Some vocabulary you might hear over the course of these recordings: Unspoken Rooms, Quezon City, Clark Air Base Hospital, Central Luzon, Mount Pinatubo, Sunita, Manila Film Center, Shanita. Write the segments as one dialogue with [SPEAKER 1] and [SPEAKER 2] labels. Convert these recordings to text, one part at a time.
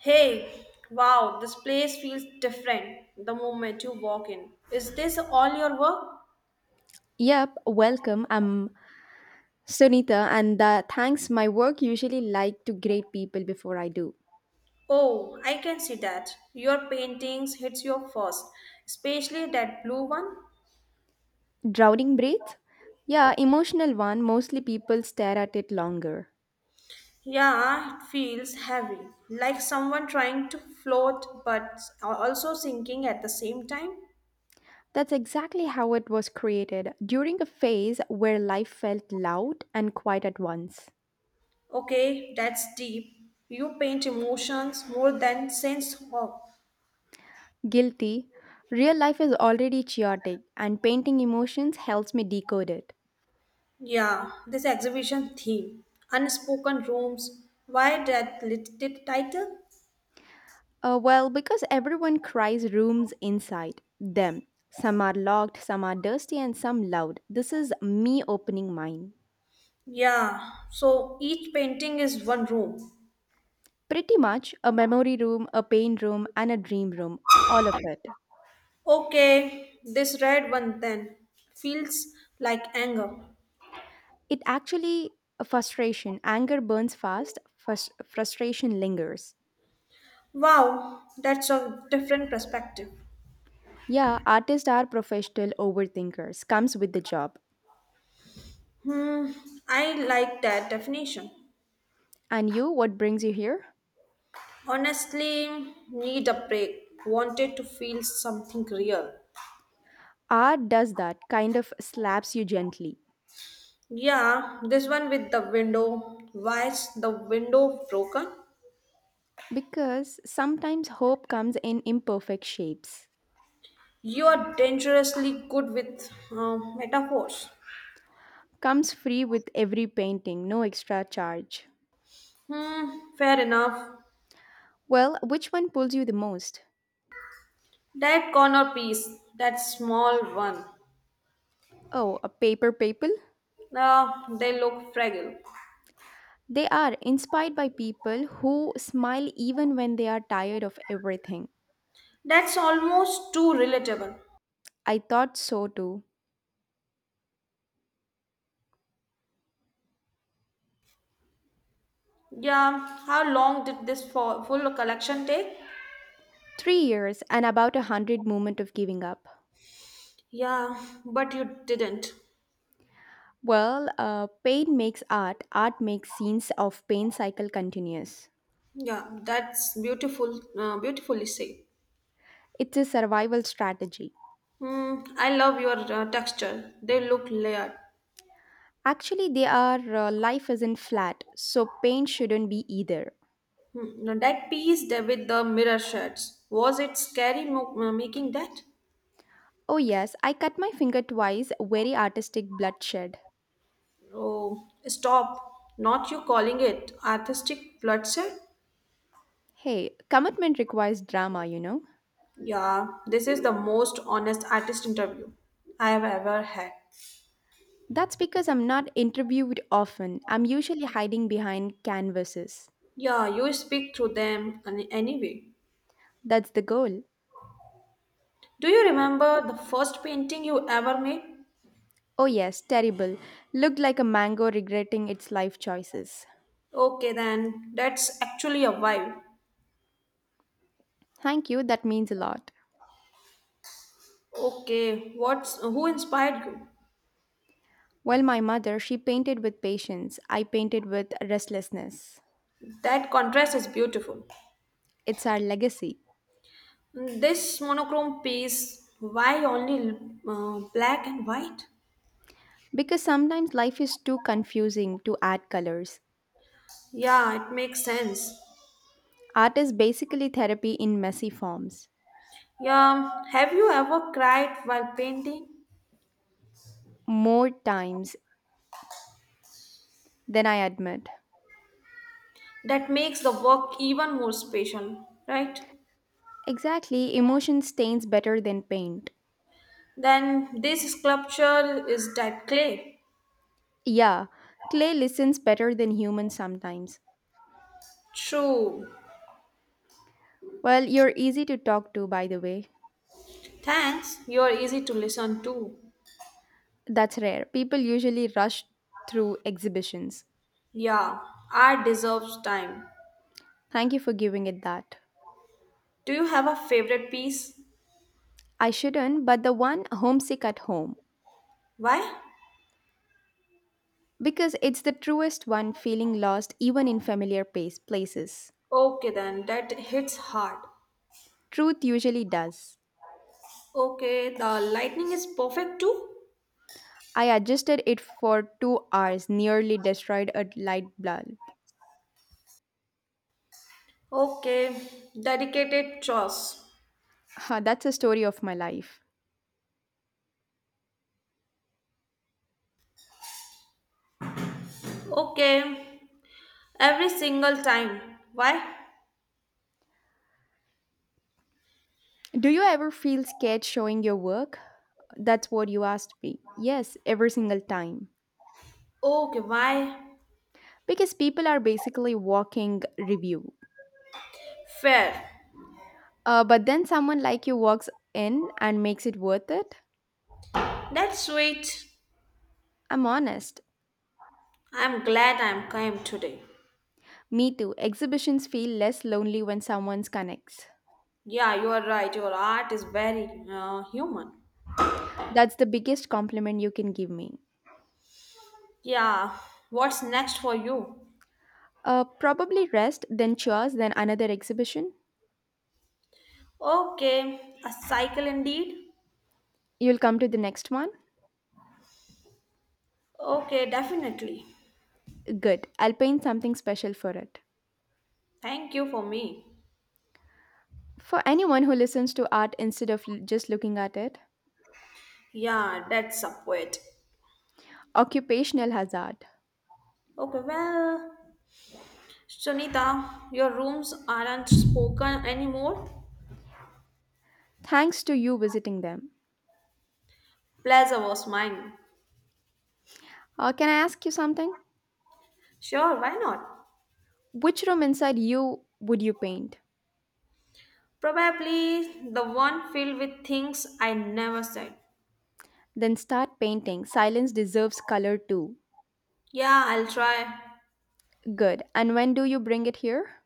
[SPEAKER 1] Hey, wow, this place feels different the moment you walk in. Is this all your work?
[SPEAKER 2] Yep, welcome. I'm Sunita, and thanks. My work usually like to grade people before I do.
[SPEAKER 1] Oh, I can see that. Your paintings hits your first, especially that blue one.
[SPEAKER 2] Drowning breath? Yeah, emotional one. Mostly people stare at it longer.
[SPEAKER 1] Yeah, it feels heavy, like someone trying to float but also sinking at the same time.
[SPEAKER 2] That's exactly how it was created during a phase where life felt loud and quiet at once.
[SPEAKER 1] Okay, that's deep. You paint emotions more than sense of.
[SPEAKER 2] Guilty. Real life is already chaotic, and painting emotions helps me decode it.
[SPEAKER 1] Yeah, this exhibition theme, Unspoken Rooms, why that title?
[SPEAKER 2] Because everyone cries rooms inside them. Some are locked, some are dusty, and some loud. This is me opening mine.
[SPEAKER 1] Yeah, so each painting is one room.
[SPEAKER 2] Pretty much a memory room, a pain room, and a dream room. All of it.
[SPEAKER 1] Okay, this red one then feels like anger.
[SPEAKER 2] It actually a frustration. Anger burns fast, frustration lingers.
[SPEAKER 1] Wow, that's a different perspective.
[SPEAKER 2] Yeah, artists are professional overthinkers. Comes with the job.
[SPEAKER 1] Hmm, I like that definition.
[SPEAKER 2] And you, what brings you here?
[SPEAKER 1] Honestly, need a break. Wanted to feel something real.
[SPEAKER 2] Art does that, kind of slaps you gently.
[SPEAKER 1] Yeah, this one with the window. Why is the window broken?
[SPEAKER 2] Because sometimes hope comes in imperfect shapes,
[SPEAKER 1] You are dangerously good with metaphors.
[SPEAKER 2] comes free with every painting, no extra charge.
[SPEAKER 1] Hmm, fair enough.
[SPEAKER 2] Well, which one pulls you the most?
[SPEAKER 1] That corner piece, that small one.
[SPEAKER 2] Oh, a paper people?
[SPEAKER 1] Ah, they look fragile.
[SPEAKER 2] They are inspired by people who smile even when they are tired of everything.
[SPEAKER 1] That's almost too relatable.
[SPEAKER 2] I thought so too.
[SPEAKER 1] Yeah, how long did this full collection take?
[SPEAKER 2] 3 years and about 100 moment of giving up.
[SPEAKER 1] Yeah, but you didn't.
[SPEAKER 2] Well, pain makes art, art makes scenes of pain cycle continuous.
[SPEAKER 1] Yeah, that's beautiful, beautifully said.
[SPEAKER 2] It's a survival strategy.
[SPEAKER 1] Hmm, I love your texture. They look layered.
[SPEAKER 2] Actually, they are life isn't flat, so pain shouldn't be either.
[SPEAKER 1] Hmm, no, that piece there with the mirror shuts, was it scary making that?
[SPEAKER 2] Oh, yes, I cut my finger twice, very artistic bloodshed.
[SPEAKER 1] Oh, stop. Not you calling it artistic bloodshed?
[SPEAKER 2] Hey, commitment requires drama, you know?
[SPEAKER 1] Yeah, this is the most honest artist interview I have ever had.
[SPEAKER 2] That's because I'm not interviewed often. I'm usually hiding behind canvases.
[SPEAKER 1] Yeah, you speak through them anyway.
[SPEAKER 2] That's the goal.
[SPEAKER 1] Do you remember the first painting you ever made?
[SPEAKER 2] Oh, yes, terrible. Looked like a mango regretting its life choices.
[SPEAKER 1] Okay, then that's actually a vibe.
[SPEAKER 2] Thank you, that means a lot.
[SPEAKER 1] Okay, what's who inspired you?
[SPEAKER 2] Well, my mother, she painted with patience, I painted with restlessness.
[SPEAKER 1] That contrast is beautiful.
[SPEAKER 2] It's our legacy.
[SPEAKER 1] This monochrome piece, why only black and white?
[SPEAKER 2] Because sometimes life is too confusing to add colors.
[SPEAKER 1] Yeah, it makes sense.
[SPEAKER 2] Art is basically therapy in messy forms.
[SPEAKER 1] Yeah, have you ever cried while painting?
[SPEAKER 2] More times than I admit.
[SPEAKER 1] That makes the work even more special, right?
[SPEAKER 2] Exactly, emotion stains better than paint.
[SPEAKER 1] Then this sculpture is that clay.
[SPEAKER 2] Yeah, clay listens better than humans sometimes.
[SPEAKER 1] True.
[SPEAKER 2] Well, you're easy to talk to, by the way.
[SPEAKER 1] Thanks, you're easy to listen to.
[SPEAKER 2] That's rare. People usually rush through exhibitions.
[SPEAKER 1] Yeah, art deserves time.
[SPEAKER 2] Thank you for giving it that.
[SPEAKER 1] Do you have a favorite piece?
[SPEAKER 2] I shouldn't, but the one homesick at home.
[SPEAKER 1] Why?
[SPEAKER 2] Because it's the truest one feeling lost even in familiar pace, places.
[SPEAKER 1] Okay, then that hits hard.
[SPEAKER 2] Truth usually does.
[SPEAKER 1] Okay, the lightning is perfect too.
[SPEAKER 2] I adjusted it for 2 hours, nearly destroyed a light bulb.
[SPEAKER 1] Okay, dedicated chores.
[SPEAKER 2] Huh, that's a story of my life.
[SPEAKER 1] Okay, every single time. Why?
[SPEAKER 2] Do you ever feel scared showing your work? That's what you asked me. Yes, every single time.
[SPEAKER 1] Okay, why?
[SPEAKER 2] Because people are basically walking review.
[SPEAKER 1] Fair.
[SPEAKER 2] But then someone like you walks in and makes it worth it?
[SPEAKER 1] That's sweet.
[SPEAKER 2] I'm honest.
[SPEAKER 1] I'm glad I'm came today.
[SPEAKER 2] Me too. Exhibitions feel less lonely when someone connects.
[SPEAKER 1] Yeah, you are right. Your art is very human.
[SPEAKER 2] That's the biggest compliment you can give me.
[SPEAKER 1] Yeah, what's next for you?
[SPEAKER 2] Probably rest, then chores, then another exhibition.
[SPEAKER 1] Okay, a cycle indeed.
[SPEAKER 2] You'll come to the next one?
[SPEAKER 1] Okay, definitely.
[SPEAKER 2] Good. I'll paint something special for it.
[SPEAKER 1] Thank you for me.
[SPEAKER 2] For anyone who listens to art instead of just looking at it,
[SPEAKER 1] Yeah, that's a poet.
[SPEAKER 2] occupational hazard.
[SPEAKER 1] Okay, well. Shanita, your rooms aren't spoken anymore?
[SPEAKER 2] Thanks to you visiting them.
[SPEAKER 1] Plaza was mine.
[SPEAKER 2] Can I ask you something?
[SPEAKER 1] Sure, why not?
[SPEAKER 2] Which room inside you would you paint?
[SPEAKER 1] Probably the one filled with things I never said.
[SPEAKER 2] Then start painting. Silence deserves color too.
[SPEAKER 1] Yeah, I'll try.
[SPEAKER 2] Good. And when do you bring it here?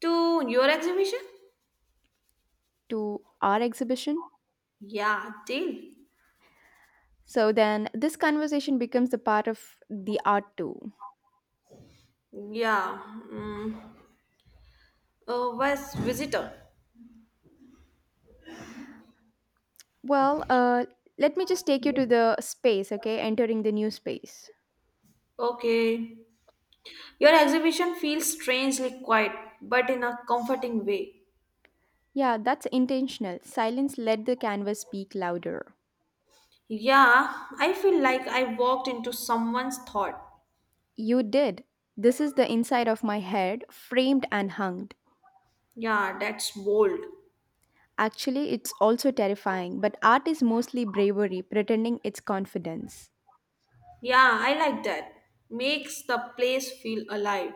[SPEAKER 1] To your exhibition?
[SPEAKER 2] To our exhibition?
[SPEAKER 1] Yeah, deal.
[SPEAKER 2] So then this conversation becomes a part of the art too.
[SPEAKER 1] Yeah. Mm. Oh, where's visitor?
[SPEAKER 2] Well, let me just take you to the space, okay? Entering the new space.
[SPEAKER 1] Okay. Your exhibition feels strangely quiet, but in a comforting way.
[SPEAKER 2] Yeah, that's intentional. Silence let the canvas speak louder.
[SPEAKER 1] Yeah, I feel like I walked into someone's thought.
[SPEAKER 2] You did. This is the inside of my head, framed and hung.
[SPEAKER 1] Yeah, that's bold.
[SPEAKER 2] Actually, it's also terrifying, but art is mostly bravery, pretending it's confidence.
[SPEAKER 1] Yeah, I like that. Makes the place feel alive.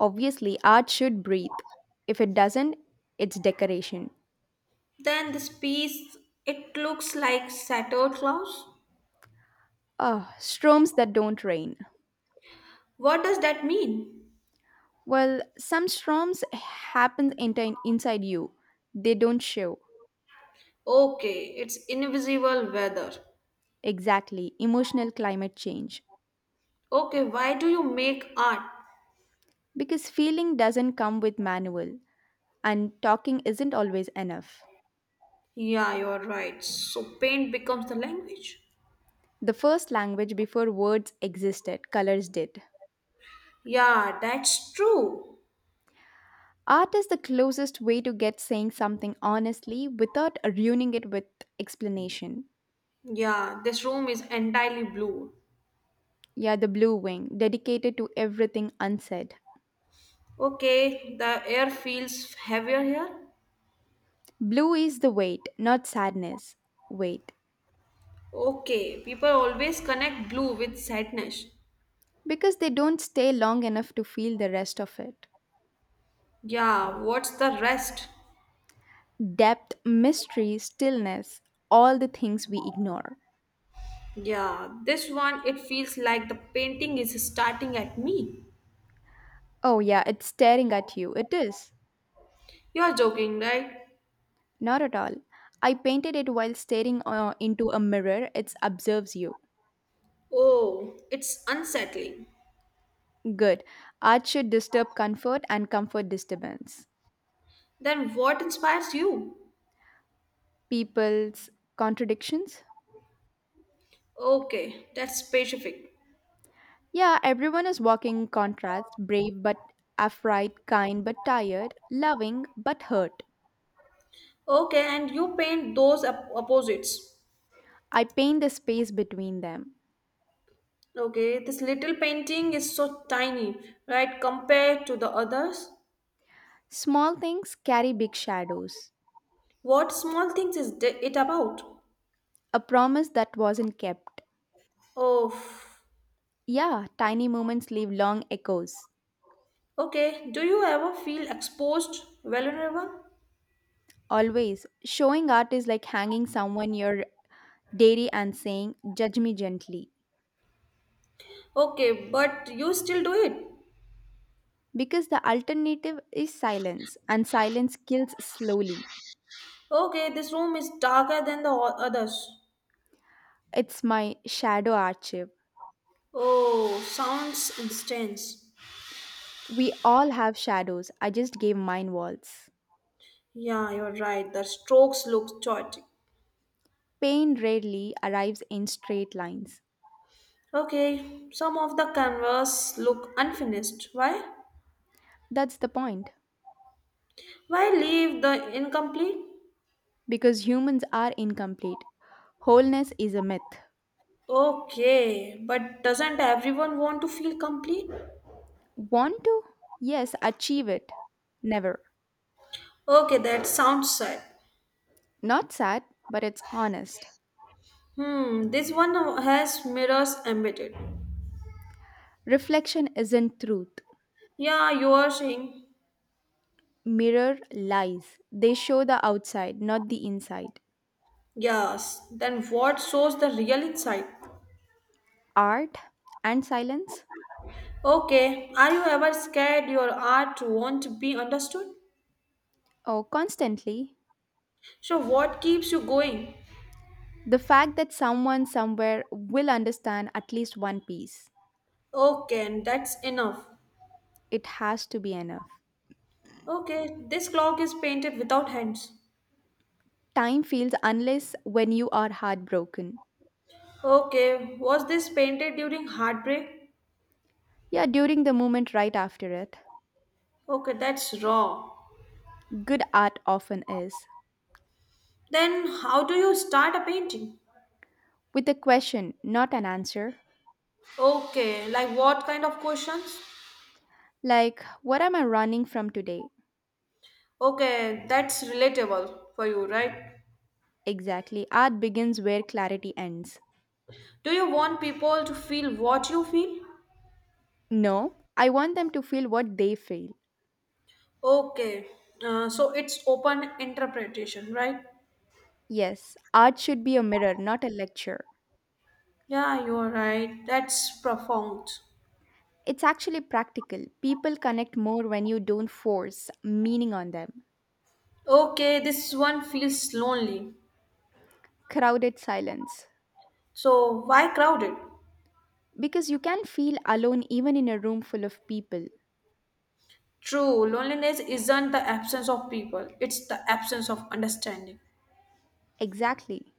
[SPEAKER 2] Obviously, art should breathe. If it doesn't, it's decoration.
[SPEAKER 1] Then this piece, it looks like Santa Claus.
[SPEAKER 2] Ah, storms that don't rain.
[SPEAKER 1] What does that mean?
[SPEAKER 2] Well, some storms happen inside you. They don't show
[SPEAKER 1] Okay, it's invisible weather.
[SPEAKER 2] exactly emotional climate change
[SPEAKER 1] Okay, why do you make art?
[SPEAKER 2] because feeling doesn't come with manual and talking isn't always enough.
[SPEAKER 1] Yeah, you're right. So paint becomes the language.
[SPEAKER 2] The first language before words existed, colors did.
[SPEAKER 1] Yeah, that's true.
[SPEAKER 2] Art is the closest way to get saying something honestly without ruining it with explanation.
[SPEAKER 1] Yeah, this room is entirely blue.
[SPEAKER 2] Yeah, the blue wing, dedicated to everything unsaid.
[SPEAKER 1] Okay, the air feels heavier here.
[SPEAKER 2] Blue is the weight, not sadness. Weight.
[SPEAKER 1] Okay, people always connect blue with sadness.
[SPEAKER 2] Because they don't stay long enough to feel the rest of it.
[SPEAKER 1] Yeah, what's the rest?
[SPEAKER 2] Depth, mystery, stillness, all the things we ignore.
[SPEAKER 1] Yeah, this one it feels like the painting is starting at me.
[SPEAKER 2] Oh, yeah, it's staring at you. It is.
[SPEAKER 1] You're joking, right?
[SPEAKER 2] Not at all. I painted it while staring into a mirror. It observes you.
[SPEAKER 1] Oh, it's unsettling.
[SPEAKER 2] Good. Art should disturb comfort and comfort disturbance.
[SPEAKER 1] Then what inspires you?
[SPEAKER 2] People's contradictions?
[SPEAKER 1] Okay, that's specific.
[SPEAKER 2] Yeah, everyone is walking contrast brave but afraid, kind but tired, loving but hurt.
[SPEAKER 1] Okay, and you paint those opposites.
[SPEAKER 2] I paint the space between them.
[SPEAKER 1] Okay, this little painting is so tiny, right, compared to the others.
[SPEAKER 2] Small things carry big shadows.
[SPEAKER 1] What small things is it about?
[SPEAKER 2] A promise that wasn't kept.
[SPEAKER 1] Oh,
[SPEAKER 2] Yeah, tiny moments leave long echoes.
[SPEAKER 1] okay. Do you ever feel exposed, vulnerable?
[SPEAKER 2] Always, showing art is like hanging someone your dairy and saying, "Judge me gently."
[SPEAKER 1] Okay, but you still do it.
[SPEAKER 2] Because the alternative is silence, and silence kills slowly.
[SPEAKER 1] Okay, this room is darker than the others.
[SPEAKER 2] It's my shadow archive.
[SPEAKER 1] Oh, sounds intense.
[SPEAKER 2] We all have shadows, I just gave mine walls.
[SPEAKER 1] Yeah, you're right. The strokes look chaotic.
[SPEAKER 2] Pain rarely arrives in straight lines.
[SPEAKER 1] Okay, some of the canvas look unfinished. Why?
[SPEAKER 2] That's the point.
[SPEAKER 1] Why leave the incomplete?
[SPEAKER 2] Because humans are incomplete. Wholeness is a myth.
[SPEAKER 1] Okay, but doesn't everyone want to feel complete?
[SPEAKER 2] Want to? Yes, achieve it. Never.
[SPEAKER 1] Okay, that sounds sad.
[SPEAKER 2] Not sad, but it's honest.
[SPEAKER 1] Hmm, this one has mirrors embedded.
[SPEAKER 2] Reflection isn't truth.
[SPEAKER 1] Yeah, you are saying.
[SPEAKER 2] Mirror lies. They show the outside, not the inside.
[SPEAKER 1] Yes, then what shows the real insight?
[SPEAKER 2] Art and silence?
[SPEAKER 1] Okay, are you ever scared your art won't be understood?
[SPEAKER 2] Oh, constantly.
[SPEAKER 1] So, what keeps you going?
[SPEAKER 2] The fact that someone somewhere will understand at least one piece.
[SPEAKER 1] Okay, and that's enough.
[SPEAKER 2] It has to be enough.
[SPEAKER 1] Okay, this clock is painted without hands.
[SPEAKER 2] Time feels unless when you are heartbroken.
[SPEAKER 1] Okay, was this painted during heartbreak?
[SPEAKER 2] Yeah, during the moment right after it,
[SPEAKER 1] Okay, that's raw.
[SPEAKER 2] good art often is.
[SPEAKER 1] Then, how do you start a painting?
[SPEAKER 2] With a question, not an answer.
[SPEAKER 1] Okay, like what kind of questions?
[SPEAKER 2] Like, what am I running from today?
[SPEAKER 1] Okay, that's relatable for you, right?
[SPEAKER 2] Exactly, art begins where clarity ends.
[SPEAKER 1] Do you want people to feel what you feel?
[SPEAKER 2] No, I want them to feel what they feel.
[SPEAKER 1] Okay, so it's open interpretation, right?
[SPEAKER 2] Yes, art should be a mirror, not a lecture.
[SPEAKER 1] Yeah, you're right. That's profound.
[SPEAKER 2] It's actually practical. People connect more when you don't force meaning on them.
[SPEAKER 1] Okay, this one feels lonely.
[SPEAKER 2] Crowded silence.
[SPEAKER 1] So, why crowded?
[SPEAKER 2] Because you can feel alone even in a room full of people.
[SPEAKER 1] True, loneliness isn't the absence of people, it's the absence of understanding.
[SPEAKER 2] Exactly.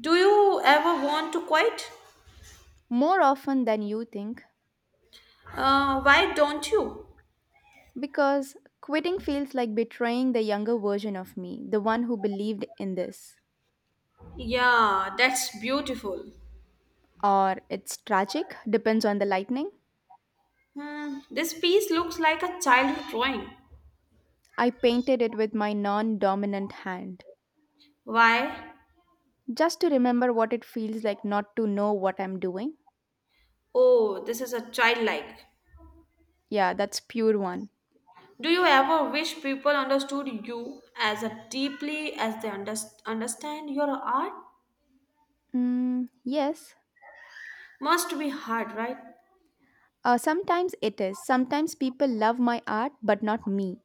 [SPEAKER 1] Do you ever want to quit?
[SPEAKER 2] More often than you think.
[SPEAKER 1] Why don't you?
[SPEAKER 2] Because quitting feels like betraying the younger version of me, the one who believed in this.
[SPEAKER 1] Yeah, that's beautiful.
[SPEAKER 2] Or it's tragic, depends on the lightning.
[SPEAKER 1] Hmm, this piece looks like a childhood drawing.
[SPEAKER 2] I painted it with my non dominant hand.
[SPEAKER 1] Why?
[SPEAKER 2] Just to remember what it feels like not to know what I'm doing.
[SPEAKER 1] Oh, this is a childlike.
[SPEAKER 2] Yeah, that's pure one.
[SPEAKER 1] Do you ever wish people understood you as a deeply as they understand your art?
[SPEAKER 2] Mm, yes.
[SPEAKER 1] Must be hard, right?
[SPEAKER 2] Sometimes it is. Sometimes people love my art, but not me.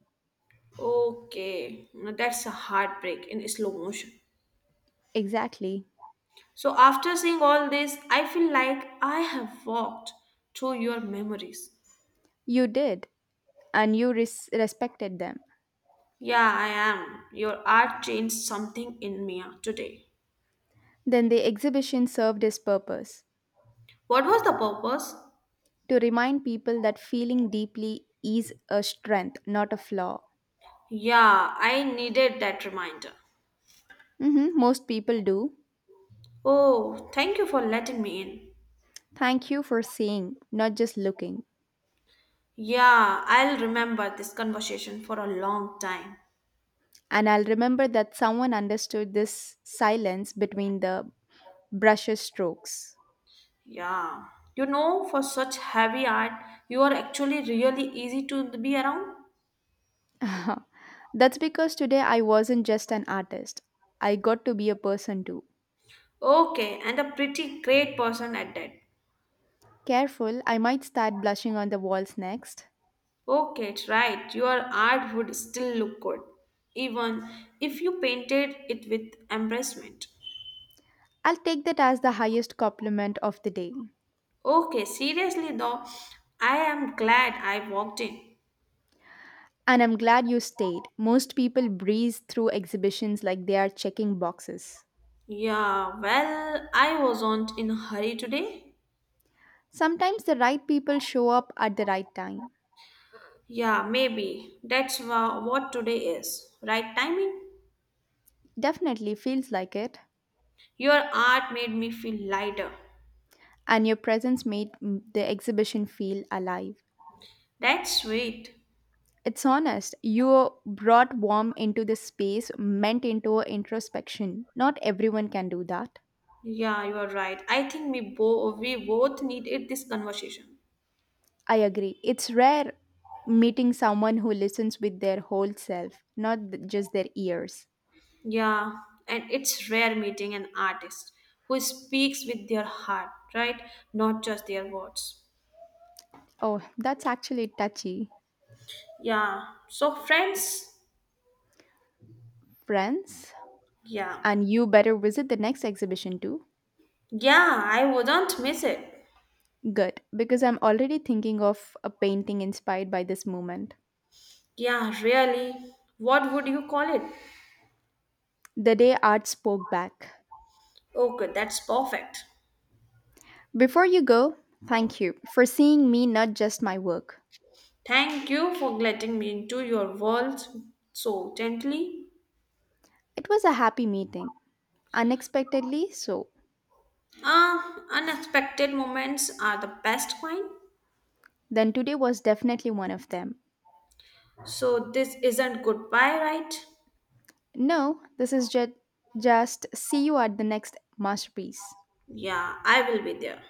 [SPEAKER 1] Okay, now that's a heartbreak in slow motion.
[SPEAKER 2] Exactly.
[SPEAKER 1] So, after seeing all this, I feel like I have walked through your memories.
[SPEAKER 2] You did, and you respected them.
[SPEAKER 1] Yeah, I am. Your art changed something in me today.
[SPEAKER 2] Then the exhibition served its purpose.
[SPEAKER 1] What was the purpose?
[SPEAKER 2] To remind people that feeling deeply is a strength, not a flaw.
[SPEAKER 1] Yeah, I needed that reminder.
[SPEAKER 2] Hmm, most people do.
[SPEAKER 1] Oh, thank you for letting me in.
[SPEAKER 2] Thank you for seeing, not just looking.
[SPEAKER 1] Yeah, I'll remember this conversation for a long time.
[SPEAKER 2] And I'll remember that someone understood this silence between the brushes strokes.
[SPEAKER 1] Yeah. You know, for such heavy art, you are actually really easy to be around.
[SPEAKER 2] That's because today I wasn't just an artist, I got to be a person too.
[SPEAKER 1] Okay, and a pretty great person at that.
[SPEAKER 2] Careful, I might start blushing on the walls next.
[SPEAKER 1] Okay, it's right. Your art would still look good, even if you painted it with embarrassment.
[SPEAKER 2] I'll take that as the highest compliment of the day.
[SPEAKER 1] Okay, seriously though, I am glad I walked in.
[SPEAKER 2] And I'm glad you stayed. Most people breeze through exhibitions like they are checking boxes.
[SPEAKER 1] Yeah, well, I wasn't in a hurry today.
[SPEAKER 2] Sometimes the right people show up at the right time.
[SPEAKER 1] Yeah, maybe. That's what today is. Right timing?
[SPEAKER 2] Definitely feels like it.
[SPEAKER 1] Your art made me feel lighter.
[SPEAKER 2] And your presence made the exhibition feel alive.
[SPEAKER 1] That's sweet.
[SPEAKER 2] It's honest. You brought warmth into the space, meant into introspection. Not everyone can do that.
[SPEAKER 1] Yeah, you are right. I think we both needed this conversation.
[SPEAKER 2] I agree. It's rare meeting someone who listens with their whole self, not just their ears.
[SPEAKER 1] Yeah, and it's rare meeting an artist who speaks with their heart, right? Not just their words.
[SPEAKER 2] Oh, that's actually touchy.
[SPEAKER 1] Yeah. So friends,
[SPEAKER 2] France,
[SPEAKER 1] yeah.
[SPEAKER 2] and you better visit the next exhibition too.
[SPEAKER 1] Yeah, I wouldn't miss it.
[SPEAKER 2] Good, because I'm already thinking of a painting inspired by this moment.
[SPEAKER 1] Yeah, really. What would you call it?
[SPEAKER 2] The day art spoke back.
[SPEAKER 1] Okay, that's perfect.
[SPEAKER 2] Before you go, thank you for seeing me, not just my work.
[SPEAKER 1] Thank you for letting me into your world so gently.
[SPEAKER 2] It was a happy meeting, unexpectedly so.
[SPEAKER 1] Ah, unexpected moments are the best kind.
[SPEAKER 2] Then today was definitely one of them.
[SPEAKER 1] So this isn't goodbye, right?
[SPEAKER 2] No, this is just see you at the next masterpiece.
[SPEAKER 1] Yeah, I will be there.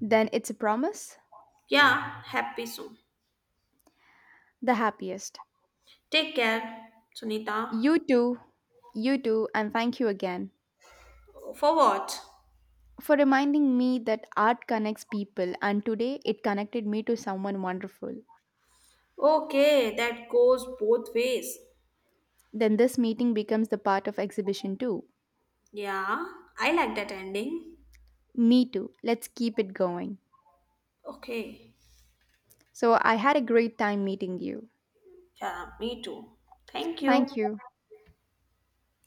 [SPEAKER 2] Then it's a promise,
[SPEAKER 1] Yeah, happy soon.
[SPEAKER 2] the happiest.
[SPEAKER 1] Take care, Sunita.
[SPEAKER 2] You too, you too, and thank you again.
[SPEAKER 1] For what?
[SPEAKER 2] For reminding me that art connects people and today it connected me to someone wonderful.
[SPEAKER 1] Okay, that goes both ways.
[SPEAKER 2] Then this meeting becomes the part of exhibition too.
[SPEAKER 1] Yeah, I like that ending.
[SPEAKER 2] Me too. Let's keep it going.
[SPEAKER 1] Okay.
[SPEAKER 2] So I had a great time meeting you.
[SPEAKER 1] Yeah, me too. Thank
[SPEAKER 2] Thank
[SPEAKER 1] you.
[SPEAKER 2] you.